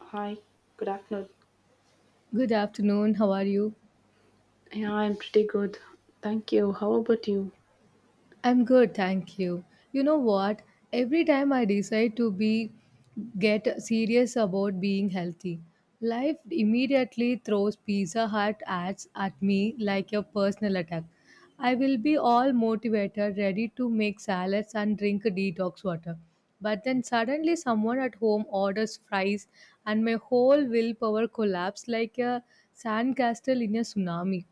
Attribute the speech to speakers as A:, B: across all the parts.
A: Hi, good afternoon.
B: Good afternoon. How are you?
A: Yeah, I'm pretty good. Thank you. How about you?
B: I'm good, thank you. You know what? Every time I decide to be get serious about being healthy, life immediately throws Pizza Hut ads at me like a personal attack. I will be all motivated, ready to make salads and drink detox water. But then suddenly someone at home orders fries and my whole willpower collapses like a sandcastle in a tsunami.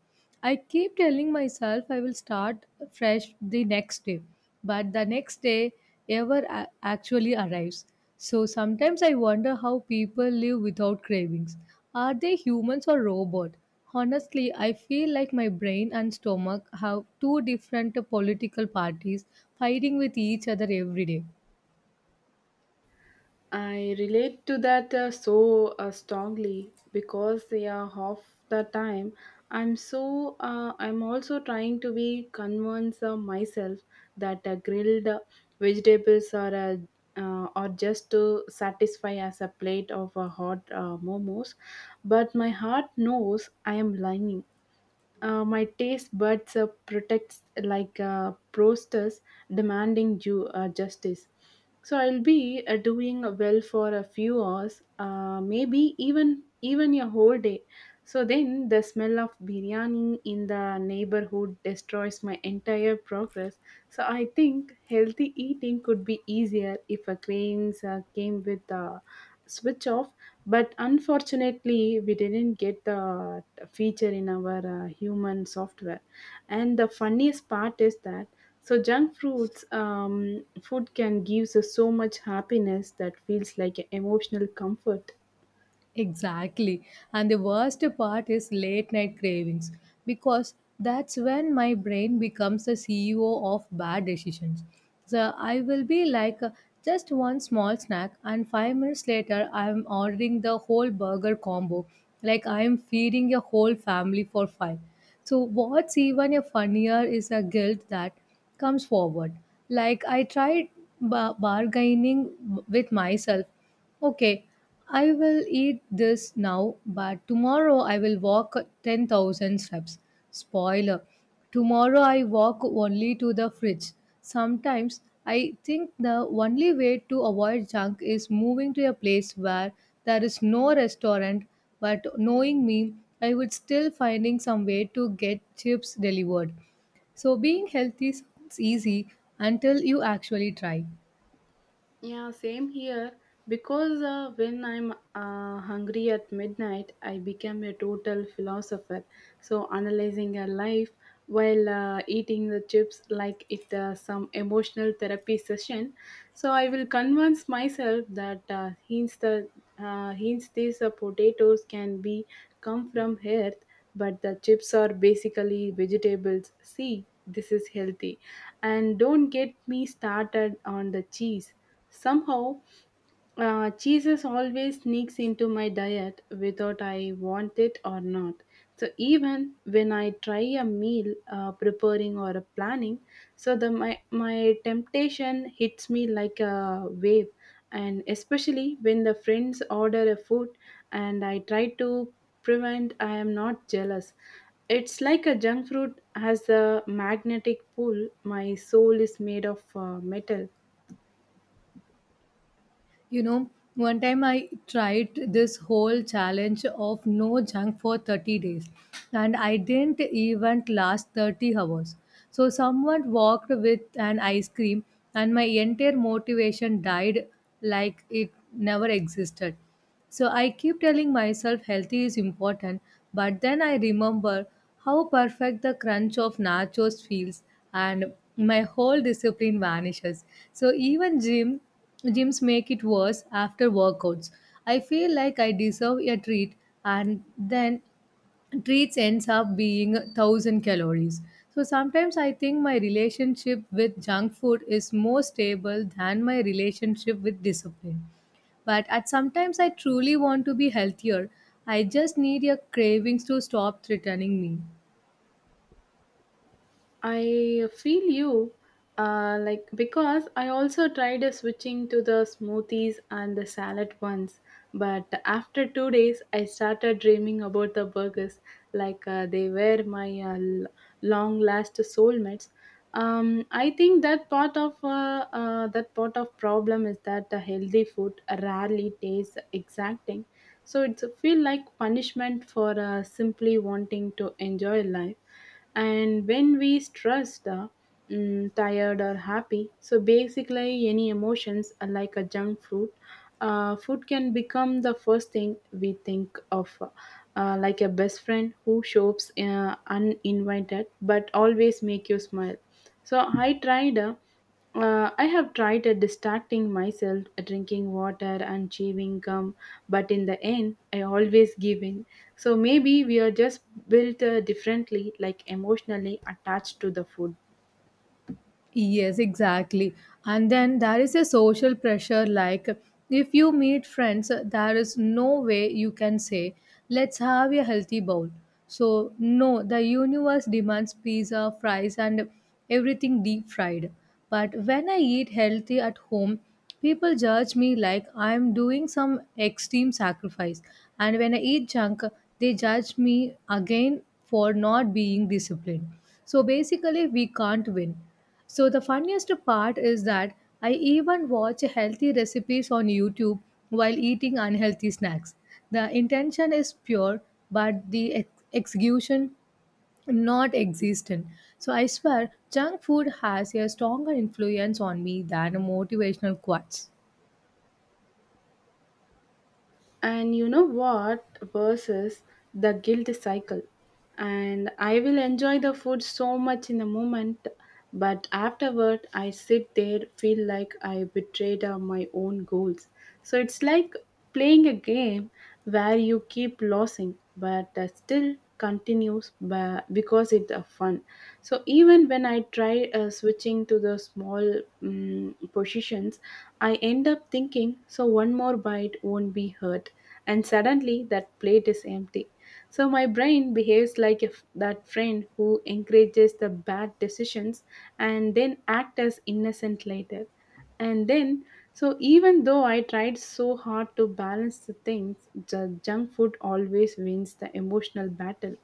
B: I keep telling myself I will start fresh the next day, but the next day actually arrives. So sometimes I wonder how people live without cravings. Are they humans or robot? Honestly, I feel like my brain and stomach have two different political parties fighting with each other every day.
A: I relate to that strongly because yeah, half the time I'm I'm also trying to be convince myself that grilled vegetables are or just to satisfy as a plate of hot momos, but my heart knows I am lying. My taste buds protects like prosters demanding justice. So I'll be doing well for a few hours, maybe even a whole day. So then the smell of biryani in the neighborhood destroys my entire progress. So I think healthy eating could be easier if a cravings came with a switch off, but unfortunately, we didn't get the feature in our human software. And the funniest part is that so junk fruits food can give us so much happiness that feels like emotional comfort.
B: Exactly. And the worst part is late night cravings because that's when my brain becomes the CEO of bad decisions. So I will be like just one small snack, and 5 minutes later, I'm ordering the whole burger combo. Like I'm feeding a whole family for five. So what's even a funnier is a guilt that comes forward. Like I tried bargaining with myself. Okay, I will eat this now, but tomorrow I will walk 10,000 steps. Spoiler, tomorrow I walk only to the fridge. Sometimes I think the only way to avoid junk is moving to a place where there is no restaurant, but knowing me, I would still finding some way to get chips delivered. So being healthy sounds easy until you actually try.
A: Yeah, same here. Because when I'm hungry at midnight, I become a total philosopher. So analyzing a life while eating the chips like it some emotional therapy session. So I will convince myself that hints these potatoes can be come from earth, but the chips are basically vegetables. See, this is healthy, and don't get me started on the cheese. Somehow, cheeses always sneaks into my diet without I want it or not. So even when I try a meal preparing or a planning, so the my temptation hits me like a wave, and especially when the friends order a food and I try to prevent, I am not jealous. It's like a junk fruit has a magnetic pull. My soul is made of metal.
B: You know, one time I tried this whole challenge of no junk for 30 days and I didn't even last 30 hours. So someone walked with an ice cream and my entire motivation died like it never existed. So I keep telling myself healthy is important, but then I remember how perfect the crunch of nachos feels and my whole discipline vanishes. So even gyms make it worse after workouts. I feel like I deserve a treat, and then treats ends up being 1000 calories. So sometimes I think my relationship with junk food is more stable than my relationship with discipline, but at sometimes I truly want to be healthier. I just need your cravings to stop threatening me.
A: I feel you, like because I also tried switching to the smoothies and the salad ones, but after 2 days, I started dreaming about the burgers, like they were my long-last soulmates. I think that part of problem is that the healthy food rarely tastes exacting, so it's a feel like punishment for simply wanting to enjoy life, and when we stress the tired or happy. So basically, any emotions are like a junk food. Food can become the first thing we think of, like a best friend who shows uninvited but always make you smile. So I tried. I have tried distracting myself, drinking water and chewing gum, but in the end, I always give in. So maybe we are just built differently, like emotionally attached to the food.
B: Yes, exactly. And then there is a social pressure. Like if you meet friends, there is no way you can say, let's have a healthy bowl. So, no, the universe demands pizza, fries, and everything deep fried. But when I eat healthy at home, people judge me like I'm doing some extreme sacrifice. And when I eat junk, they judge me again for not being disciplined. So, basically, we can't win. So the funniest part is that I even watch healthy recipes on YouTube while eating unhealthy snacks. The intention is pure, but the execution not existent. So I swear, junk food has a stronger influence on me than motivational quotes.
A: And you know what? Versus the guilt cycle. And I will enjoy the food so much in the moment, but afterward, I sit there, feel like I betrayed my own goals. So it's like playing a game where you keep losing, but still continues because it's a fun. So even when I try switching to the small positions, I end up thinking so one more bite won't be hurt, and suddenly that plate is empty. So my brain behaves like if that friend who encourages the bad decisions and then act as innocent later. And then, so even though I tried so hard to balance the things, the junk food always wins the emotional battle.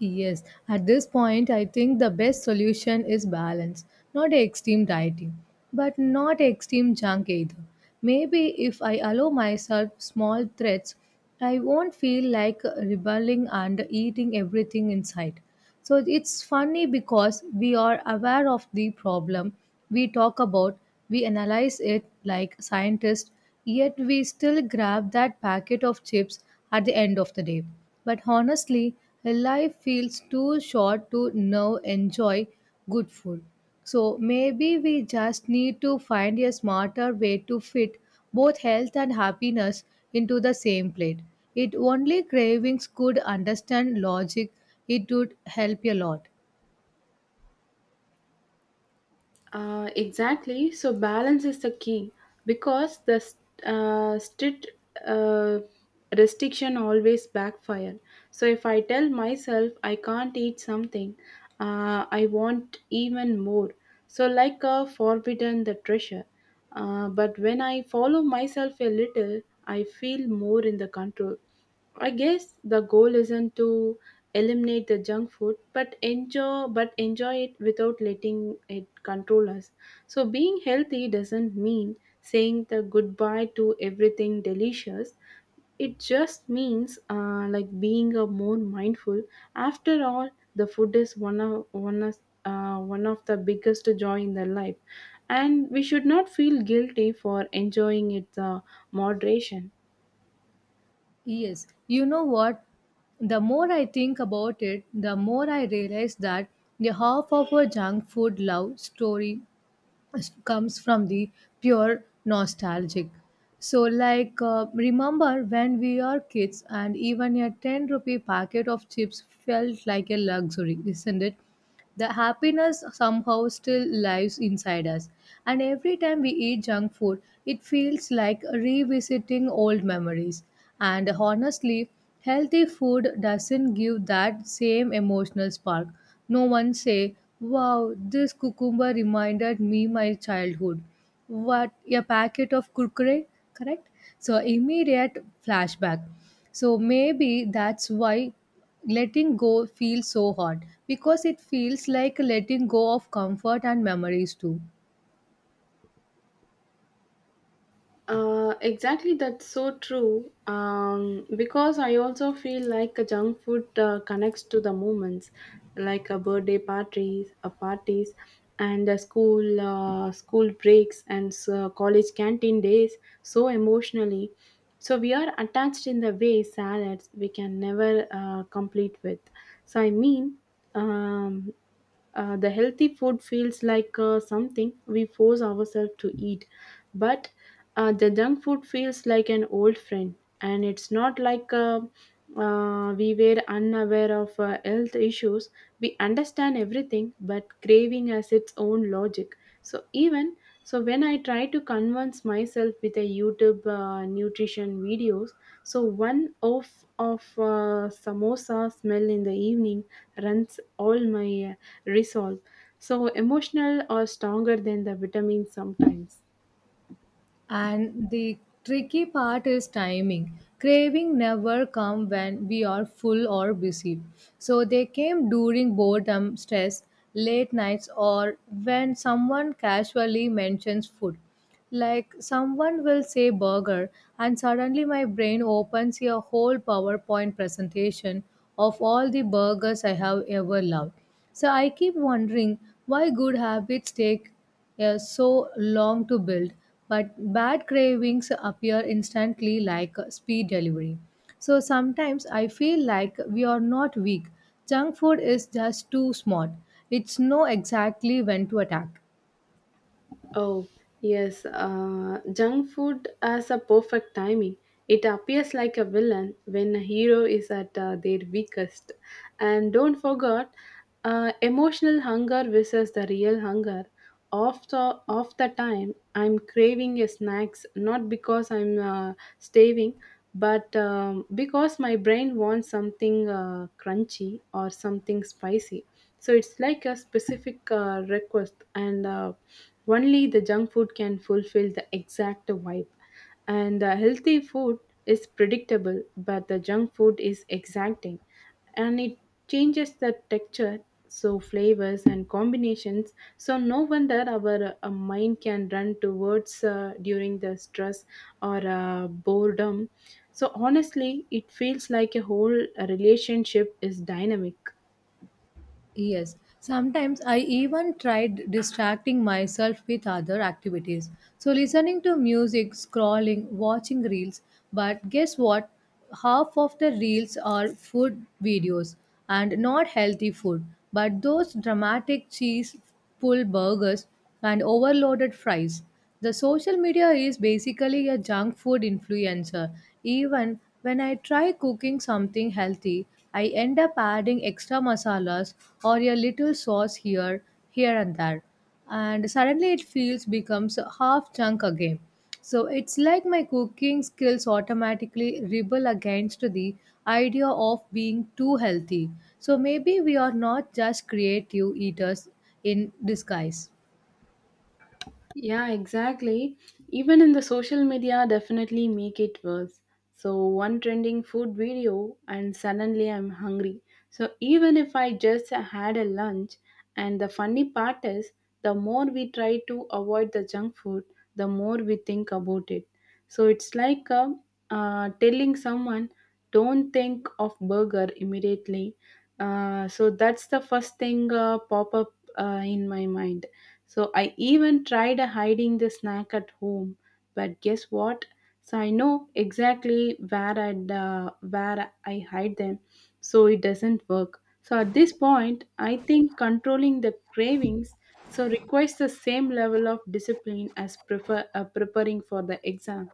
B: Yes, at this point, I think the best solution is balance, not extreme dieting, but not extreme junk either. Maybe if I allow myself small threats, I won't feel like rebelling and eating everything in sight. So it's funny because we are aware of the problem we talk about, we analyze it like scientists, yet we still grab that packet of chips at the end of the day. But honestly, life feels too short to now enjoy good food. So maybe we just need to find a smarter way to fit both health and happiness into the same plate. It only cravings could understand logic, it would help a lot.
A: Exactly. So balance is the key because the strict uh, restriction always backfire. So if I tell myself I can't eat something, I want even more. So like a forbidden the treasure. But when I follow myself a little, I feel more in the control. I guess the goal isn't to eliminate the junk food, but enjoy it without letting it control us. So being healthy doesn't mean saying the goodbye to everything delicious. It just means like being a more mindful. After all, the food is one of the biggest joy in the life, and we should not feel guilty for enjoying it the moderation.
B: Yes, you know what? The more I think about it, the more I realize that the half of our junk food love story comes from the pure nostalgic. So like remember when we are kids and even a 10 rupee packet of chips felt like a luxury, isn't it? The happiness somehow still lives inside us. And every time we eat junk food, it feels like revisiting old memories. And honestly, healthy food doesn't give that same emotional spark. No one say, "Wow, this cucumber reminded me my childhood." What a packet of kurkure, correct? So immediate flashback. So maybe that's why letting go feels so hard, because it feels like letting go of comfort and memories too.
A: Exactly, that's so true. Because I also feel like a junk food connects to the moments, like a birthday parties, a parties, and a school breaks and so college canteen days. So emotionally, so we are attached in the way salads we can never complete with. So I mean, um, the healthy food feels like something we force ourselves to eat, but the junk food feels like an old friend, and it's not like we were unaware of health issues. We understand everything, but craving has its own logic. So even so, when I try to convince myself with a YouTube nutrition videos, so one off of samosa smell in the evening runs all my resolve. So emotional are stronger than the vitamins sometimes.
B: And the tricky part is timing. Craving never come when we are full or busy. So they came during boredom, stress, late nights or when someone casually mentions food. Like someone will say burger and suddenly my brain opens a whole PowerPoint presentation of all the burgers I have ever loved. So I keep wondering why good habits take so long to build, but bad cravings appear instantly like speed delivery. So sometimes I feel like we are not weak. Junk food is just too smart. It's know exactly when to attack.
A: Oh, yes, junk food has a perfect timing. It appears like a villain when a hero is at their weakest. And don't forget, emotional hunger versus the real hunger. Of the time, I'm craving a snacks not because I'm starving, but because my brain wants something crunchy or something spicy. So it's like a specific request, and only the junk food can fulfill the exact vibe. And the healthy food is predictable, but the junk food is exacting, and it changes the texture, so flavors and combinations. So, no wonder our mind can run towards during the stress or boredom. So, honestly, it feels like a whole relationship is dynamic.
B: Yes, sometimes I even tried distracting myself with other activities. So, listening to music, scrolling, watching reels. But guess what? Half of the reels are food videos, and not healthy food, but those dramatic cheese pull burgers and overloaded fries. The social media is basically a junk food influencer. Even when I try cooking something healthy, I end up adding extra masalas or a little sauce here and there. And suddenly it feels becomes half junk again. So it's like my cooking skills automatically rebel against the idea of being too healthy. So maybe we are not just creative eaters in disguise.
A: Yeah, exactly. Even in the social media definitely make it worse. So one trending food video and suddenly I'm hungry. So even if I just had a lunch, and the funny part is the more we try to avoid the junk food, the more we think about it. So it's like a, telling someone, don't think of burger immediately. So that's the first thing pop up in my mind. So I even tried hiding the snack at home, but guess what? So I know exactly where I hide them, so it doesn't work. So at this point, I think controlling the cravings so requires the same level of discipline as prefer preparing for the exam.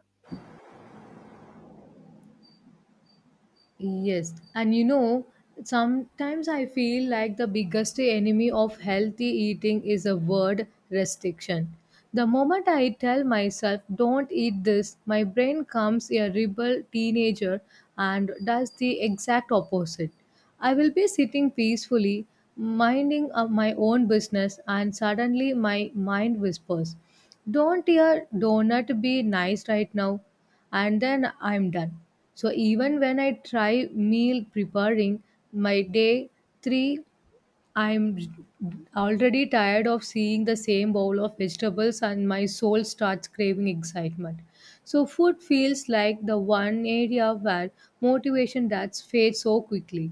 B: Yes, and you know, sometimes I feel like the biggest enemy of healthy eating is a word restriction. The moment I tell myself, don't eat this, my brain comes a rebel teenager and does the exact opposite. I will be sitting peacefully, minding of my own business, and suddenly my mind whispers, don't your donut be nice right now? And then I'm done. So even when I try meal preparing, my day three, I'm already tired of seeing the same bowl of vegetables and my soul starts craving excitement. So food feels like the one area where motivation that's fades so quickly.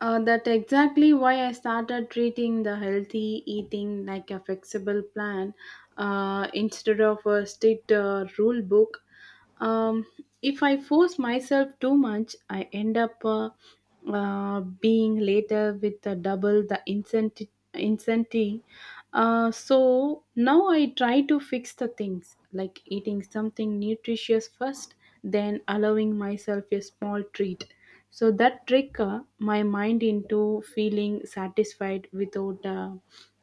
A: That exactly why I started treating the healthy eating like a flexible plan instead of a strict rule book. Um, if I force myself too much, I end up being later with double the incentive. So now I try to fix the things like eating something nutritious first, then allowing myself a small treat, so that trick my mind into feeling satisfied without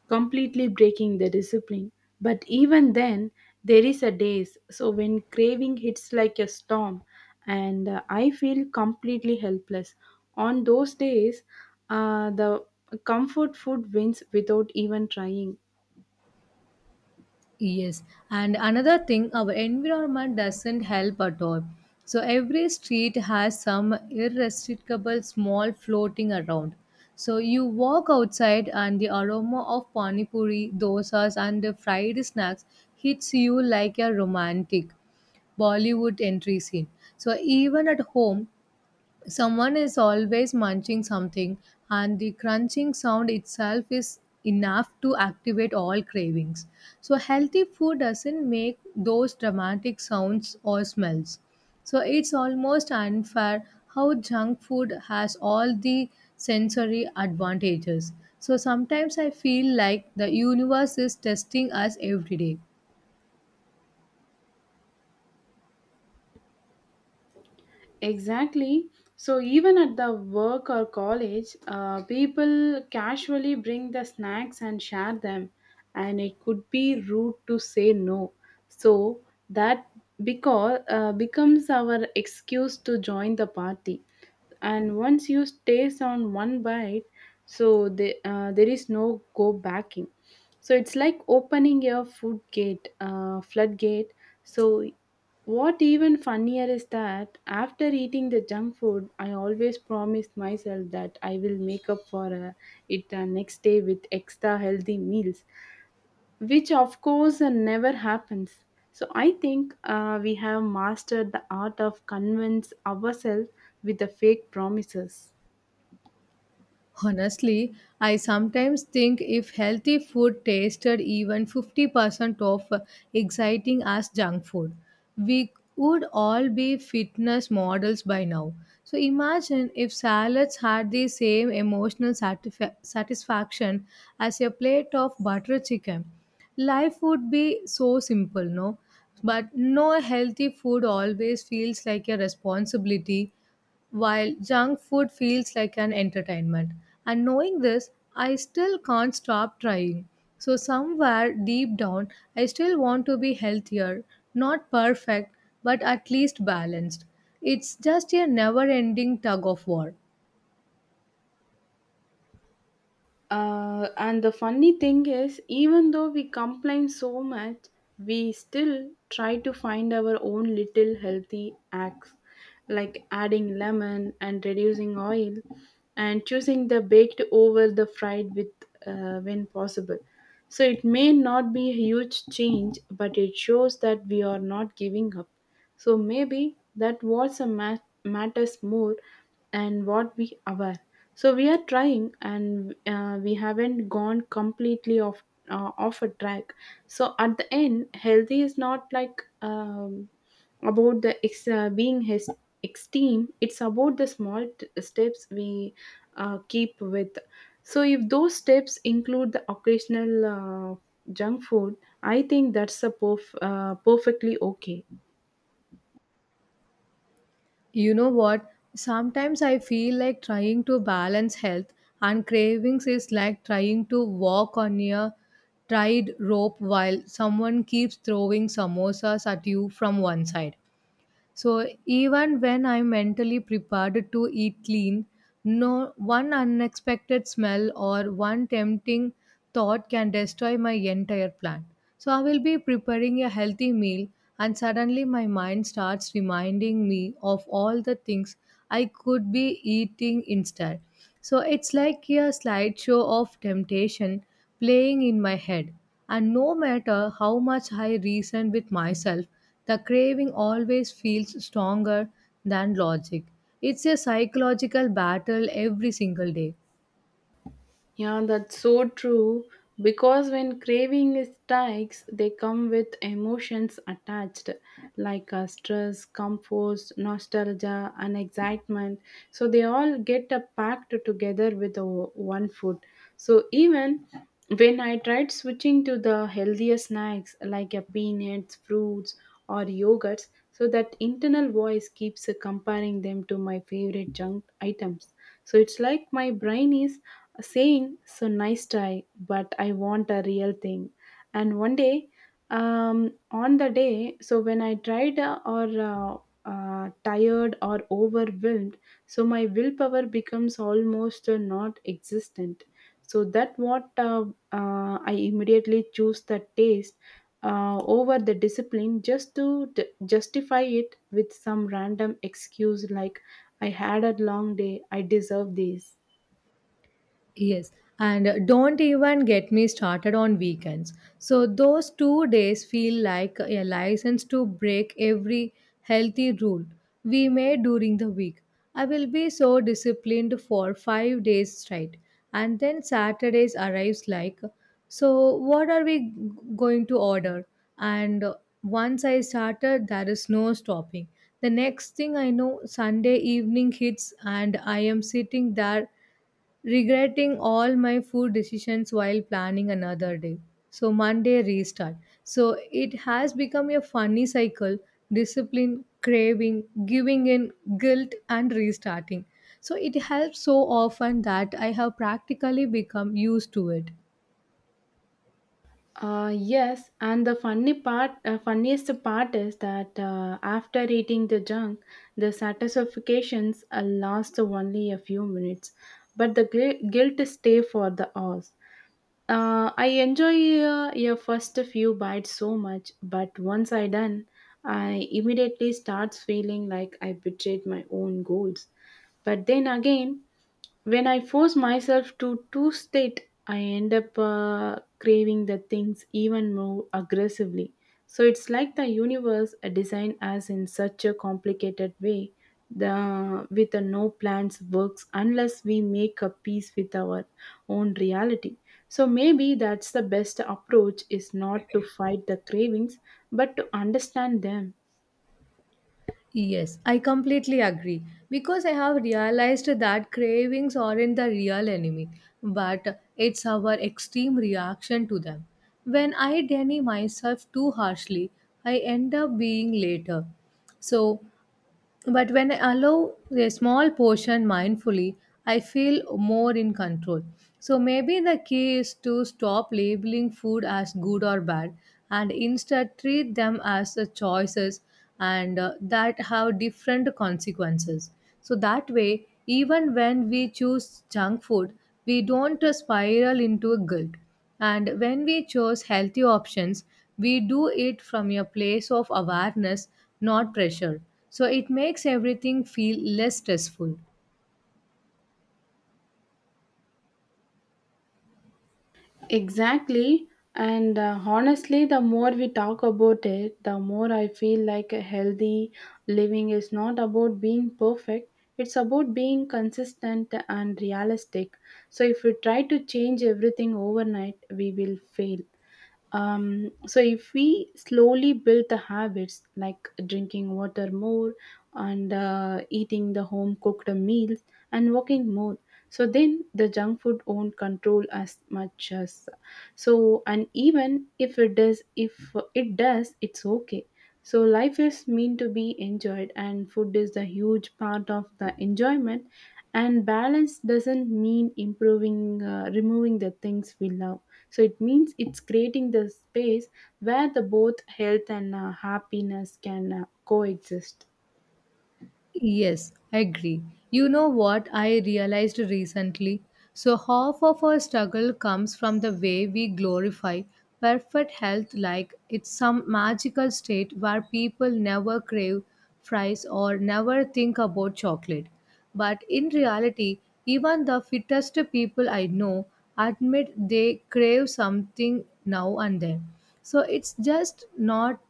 A: completely breaking the discipline. But even then, there is a days. So when craving hits like a storm, and I feel completely helpless. On those days, the comfort food wins without even trying.
B: Yes, and another thing, our environment doesn't help at all. So every street has some irresistible small floating around. So you walk outside and the aroma of pani puri, dosas and the fried snacks hits you like a romantic Bollywood entry scene. So even at home, someone is always munching something, and the crunching sound itself is enough to activate all cravings. So, healthy food doesn't make those dramatic sounds or smells. So, it's almost unfair how junk food has all the sensory advantages. So, sometimes I feel like the universe is testing us every day.
A: Exactly. So even at the work or college, people casually bring the snacks and share them, and it could be rude to say no. So that because becomes our excuse to join the party, and once you taste on one bite, so the, there is no go backing, so it's like opening your food gate floodgate. So what even funnier is that after eating the junk food, I always promise myself that I will make up for it the next day with extra healthy meals, which of course never happens. So I think we have mastered the art of convince ourselves with the fake promises.
B: Honestly, I sometimes think if healthy food tasted even 50% of exciting as junk food, we would all be fitness models by now. So imagine if salads had the same emotional satisfaction as a plate of butter chicken. Life would be so simple, no? But no, healthy food always feels like a responsibility while junk food feels like an entertainment. And knowing this, I still can't stop trying. So, somewhere deep down, I still want to be healthier, not perfect, but at least balanced. It's just a never ending tug of war.
A: And the funny thing is, even though we complain so much, we still try to find our own little healthy acts like adding lemon and reducing oil and choosing the baked over the fried with when possible. So it may not be a huge change, but it shows that we are not giving up. So maybe that what matters more, and what we are so we are trying, and we haven't gone completely off off a track. So at the end healthy is not like about the being his extreme, it's about the small steps we keep with. So if those steps include the occasional junk food, I think that's a perfectly okay.
B: You know what? Sometimes I feel like trying to balance health and cravings is like trying to walk on a tied rope while someone keeps throwing samosas at you from one side. So even when I'm mentally prepared to eat clean, no one unexpected smell or one tempting thought can destroy my entire plan. So I will be preparing a healthy meal and suddenly my mind starts reminding me of all the things I could be eating instead. So it's like a slideshow of temptation playing in my head. And no matter how much I reason with myself, the craving always feels stronger than logic. It's a psychological battle every single day.
A: Yeah, that's so true. Because when craving strikes, they come with emotions attached, like stress, comfort, nostalgia, and excitement. So they all get packed together with one food. So even when I tried switching to the healthier snacks like peanuts, fruits, or yogurts, so that internal voice keeps comparing them to my favorite junk items. So it's like my brain is saying, so nice try but I want a real thing. And one day, on the day so when I tried or tired or overwhelmed, so my willpower becomes almost not existent. So that what I immediately choose the taste over the discipline, just to justify it with some random excuse like, I had a long day, I deserve this.
B: Yes, and don't even get me started on weekends. So those 2 days feel like a license to break every healthy rule we made during the week. I will be so disciplined for 5 days straight, and then Saturdays arrives like, so what are going to order? And once I started, there is no stopping. The next thing I know, Sunday evening hits, and I am sitting there regretting all my food decisions while planning another day. So Monday restart. So it has become a funny cycle: discipline, craving, giving in, guilt, and restarting. So it helps so often that I have practically become used to it.
A: Yes, and the funniest part is that after eating the junk, the satisfactions last only a few minutes, but the guilt stay for the hours. I enjoy your first few bites so much, but once I done, I immediately starts feeling like I betrayed my own goals. But then again, when I force myself to two state, I end up craving the things even more aggressively. So it's like the universe designed us in such a complicated way. The with a no plans works unless we make a peace with our own reality. So maybe that's the best approach is not to fight the cravings but to understand them.
B: Yes, I completely agree because I have realized that cravings aren't the real enemy, but it's our extreme reaction to them. When I deny myself too harshly, I end up being later. So, but when I allow a small portion mindfully, I feel more in control. So maybe the key is to stop labeling food as good or bad and instead treat them as the choices and that have different consequences. So that way, even when we choose junk food, we don't spiral into guilt. And when we choose healthy options, we do it from a place of awareness, not pressure. So it makes everything feel less stressful.
A: Exactly. And honestly, the more we talk about it, the more I feel like a healthy living is not about being perfect. It's about being consistent and realistic. So if we try to change everything overnight, we will fail. So if we slowly build the habits like drinking water more and eating the home cooked meals and walking more, so then the junk food won't control as much as. So and even if it does, if it does, it's okay. So life is meant to be enjoyed and food is the huge part of the enjoyment, and balance doesn't mean improving removing the things we love. So it means it's creating the space where the both health and happiness can coexist.
B: Yes, I agree. You know what I realized recently? So, half of our struggle comes from the way we glorify perfect health like it's some magical state where people never crave fries or never think about chocolate. But in reality, even the fittest people I know admit they crave something now and then. So, it's just not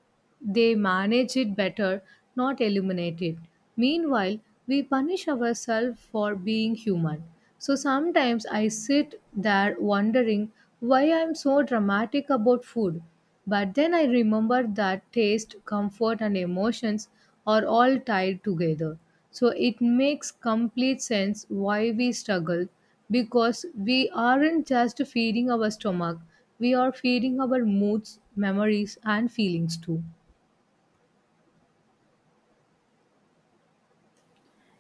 B: they manage it better, not eliminate it. Meanwhile, we punish ourselves for being human. So sometimes I sit there wondering why I'm so dramatic about food. But then I remember that taste, comfort, and emotions are all tied together. So it makes complete sense why we struggle, because we aren't just feeding our stomach, we are feeding our moods, memories, and feelings too.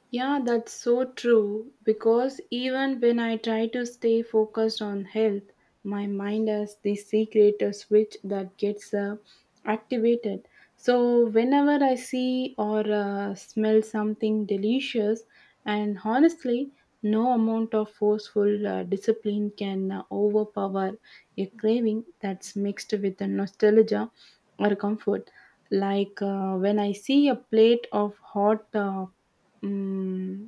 A: Yeah, that's so true, because even when I try to stay focused on health, my mind has the secret switch that gets activated. So, whenever I see or smell something delicious, and honestly, no amount of forceful discipline can overpower a craving that's mixed with a nostalgia or comfort. Like when I see a plate of hot Hmm.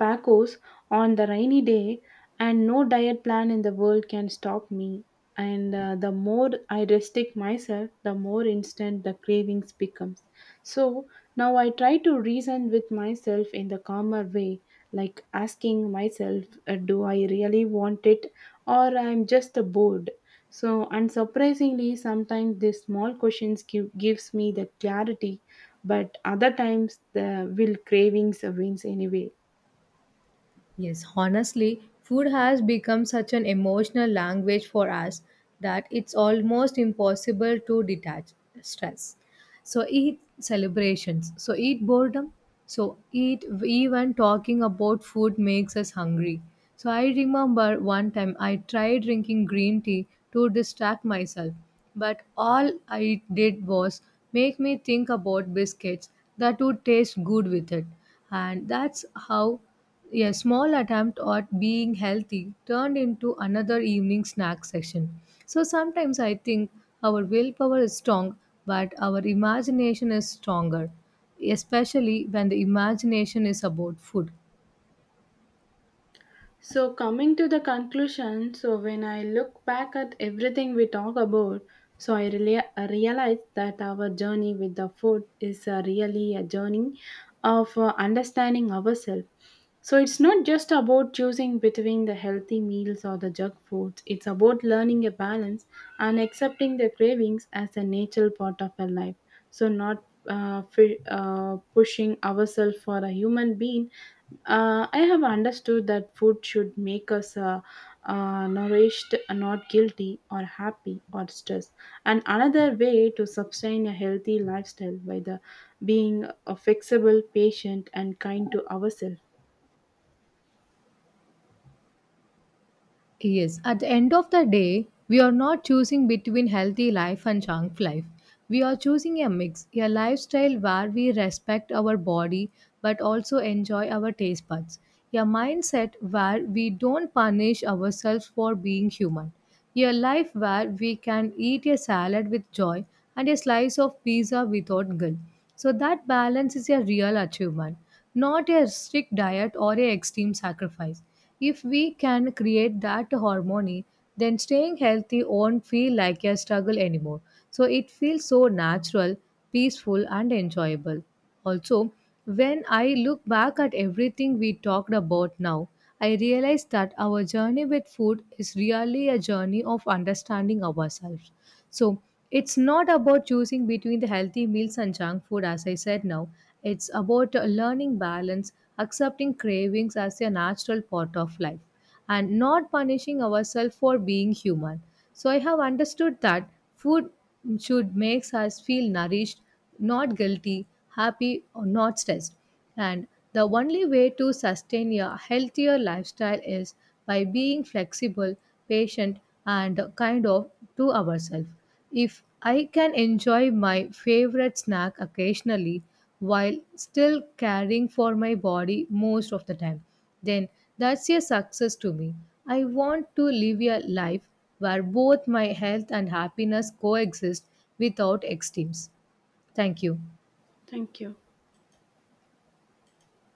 A: Pacos on the rainy day, and no diet plan in the world can stop me. And the more I restrict myself, the more instant the cravings becomes. So now I try to reason with myself in the calmer way, like asking myself, do I really want it or I'm just bored? So unsurprisingly, sometimes these small questions gives me the clarity, but other times the will cravings wins anyway.
B: Yes, honestly, food has become such an emotional language for us that it's almost impossible to detach stress. So, eat celebrations, so, eat boredom, so, eat, even talking about food makes us hungry. So, I remember one time I tried drinking green tea to distract myself, but all I did was make me think about biscuits that would taste good with it, and that's how a small attempt at being healthy turned into another evening snack session. So sometimes I think our willpower is strong, but our imagination is stronger, especially when the imagination is about food.
A: So, coming to the conclusion, so when I look back at everything we talk about, so I realize that our journey with the food is really a journey of understanding ourselves. So it's not just about choosing between the healthy meals or the junk foods. It's about learning a balance and accepting the cravings as a natural part of our life. So not pushing ourselves for a human being. I have understood that food should make us nourished, not guilty or happy or stressed. And another way to sustain a healthy lifestyle by the being flexible, patient, and kind to ourselves.
B: Yes, at the end of the day, we are not choosing between healthy life and junk life. We are choosing a mix, a lifestyle where we respect our body but also enjoy our taste buds, a mindset where we don't punish ourselves for being human, a life where we can eat a salad with joy and a slice of pizza without guilt. So that balance is a real achievement, not a strict diet or a extreme sacrifice. If we can create that harmony, then staying healthy won't feel like a struggle anymore. So it feels so natural, peaceful, and enjoyable. Also, when I look back at everything we talked about now, I realize that our journey with food is really a journey of understanding ourselves. So it's not about choosing between the healthy meals and junk food, as I said now. It's about learning balance, accepting cravings as a natural part of life and not punishing ourselves for being human. So I have understood that food should makes us feel nourished, not guilty, happy or not stressed. And the only way to sustain a healthier lifestyle is by being flexible, patient and kind of to ourselves. If I can enjoy my favorite snack occasionally while still caring for my body most of the time, then that's a success to me. I want to live a life where both my health and happiness coexist without extremes. Thank you.
A: Thank you.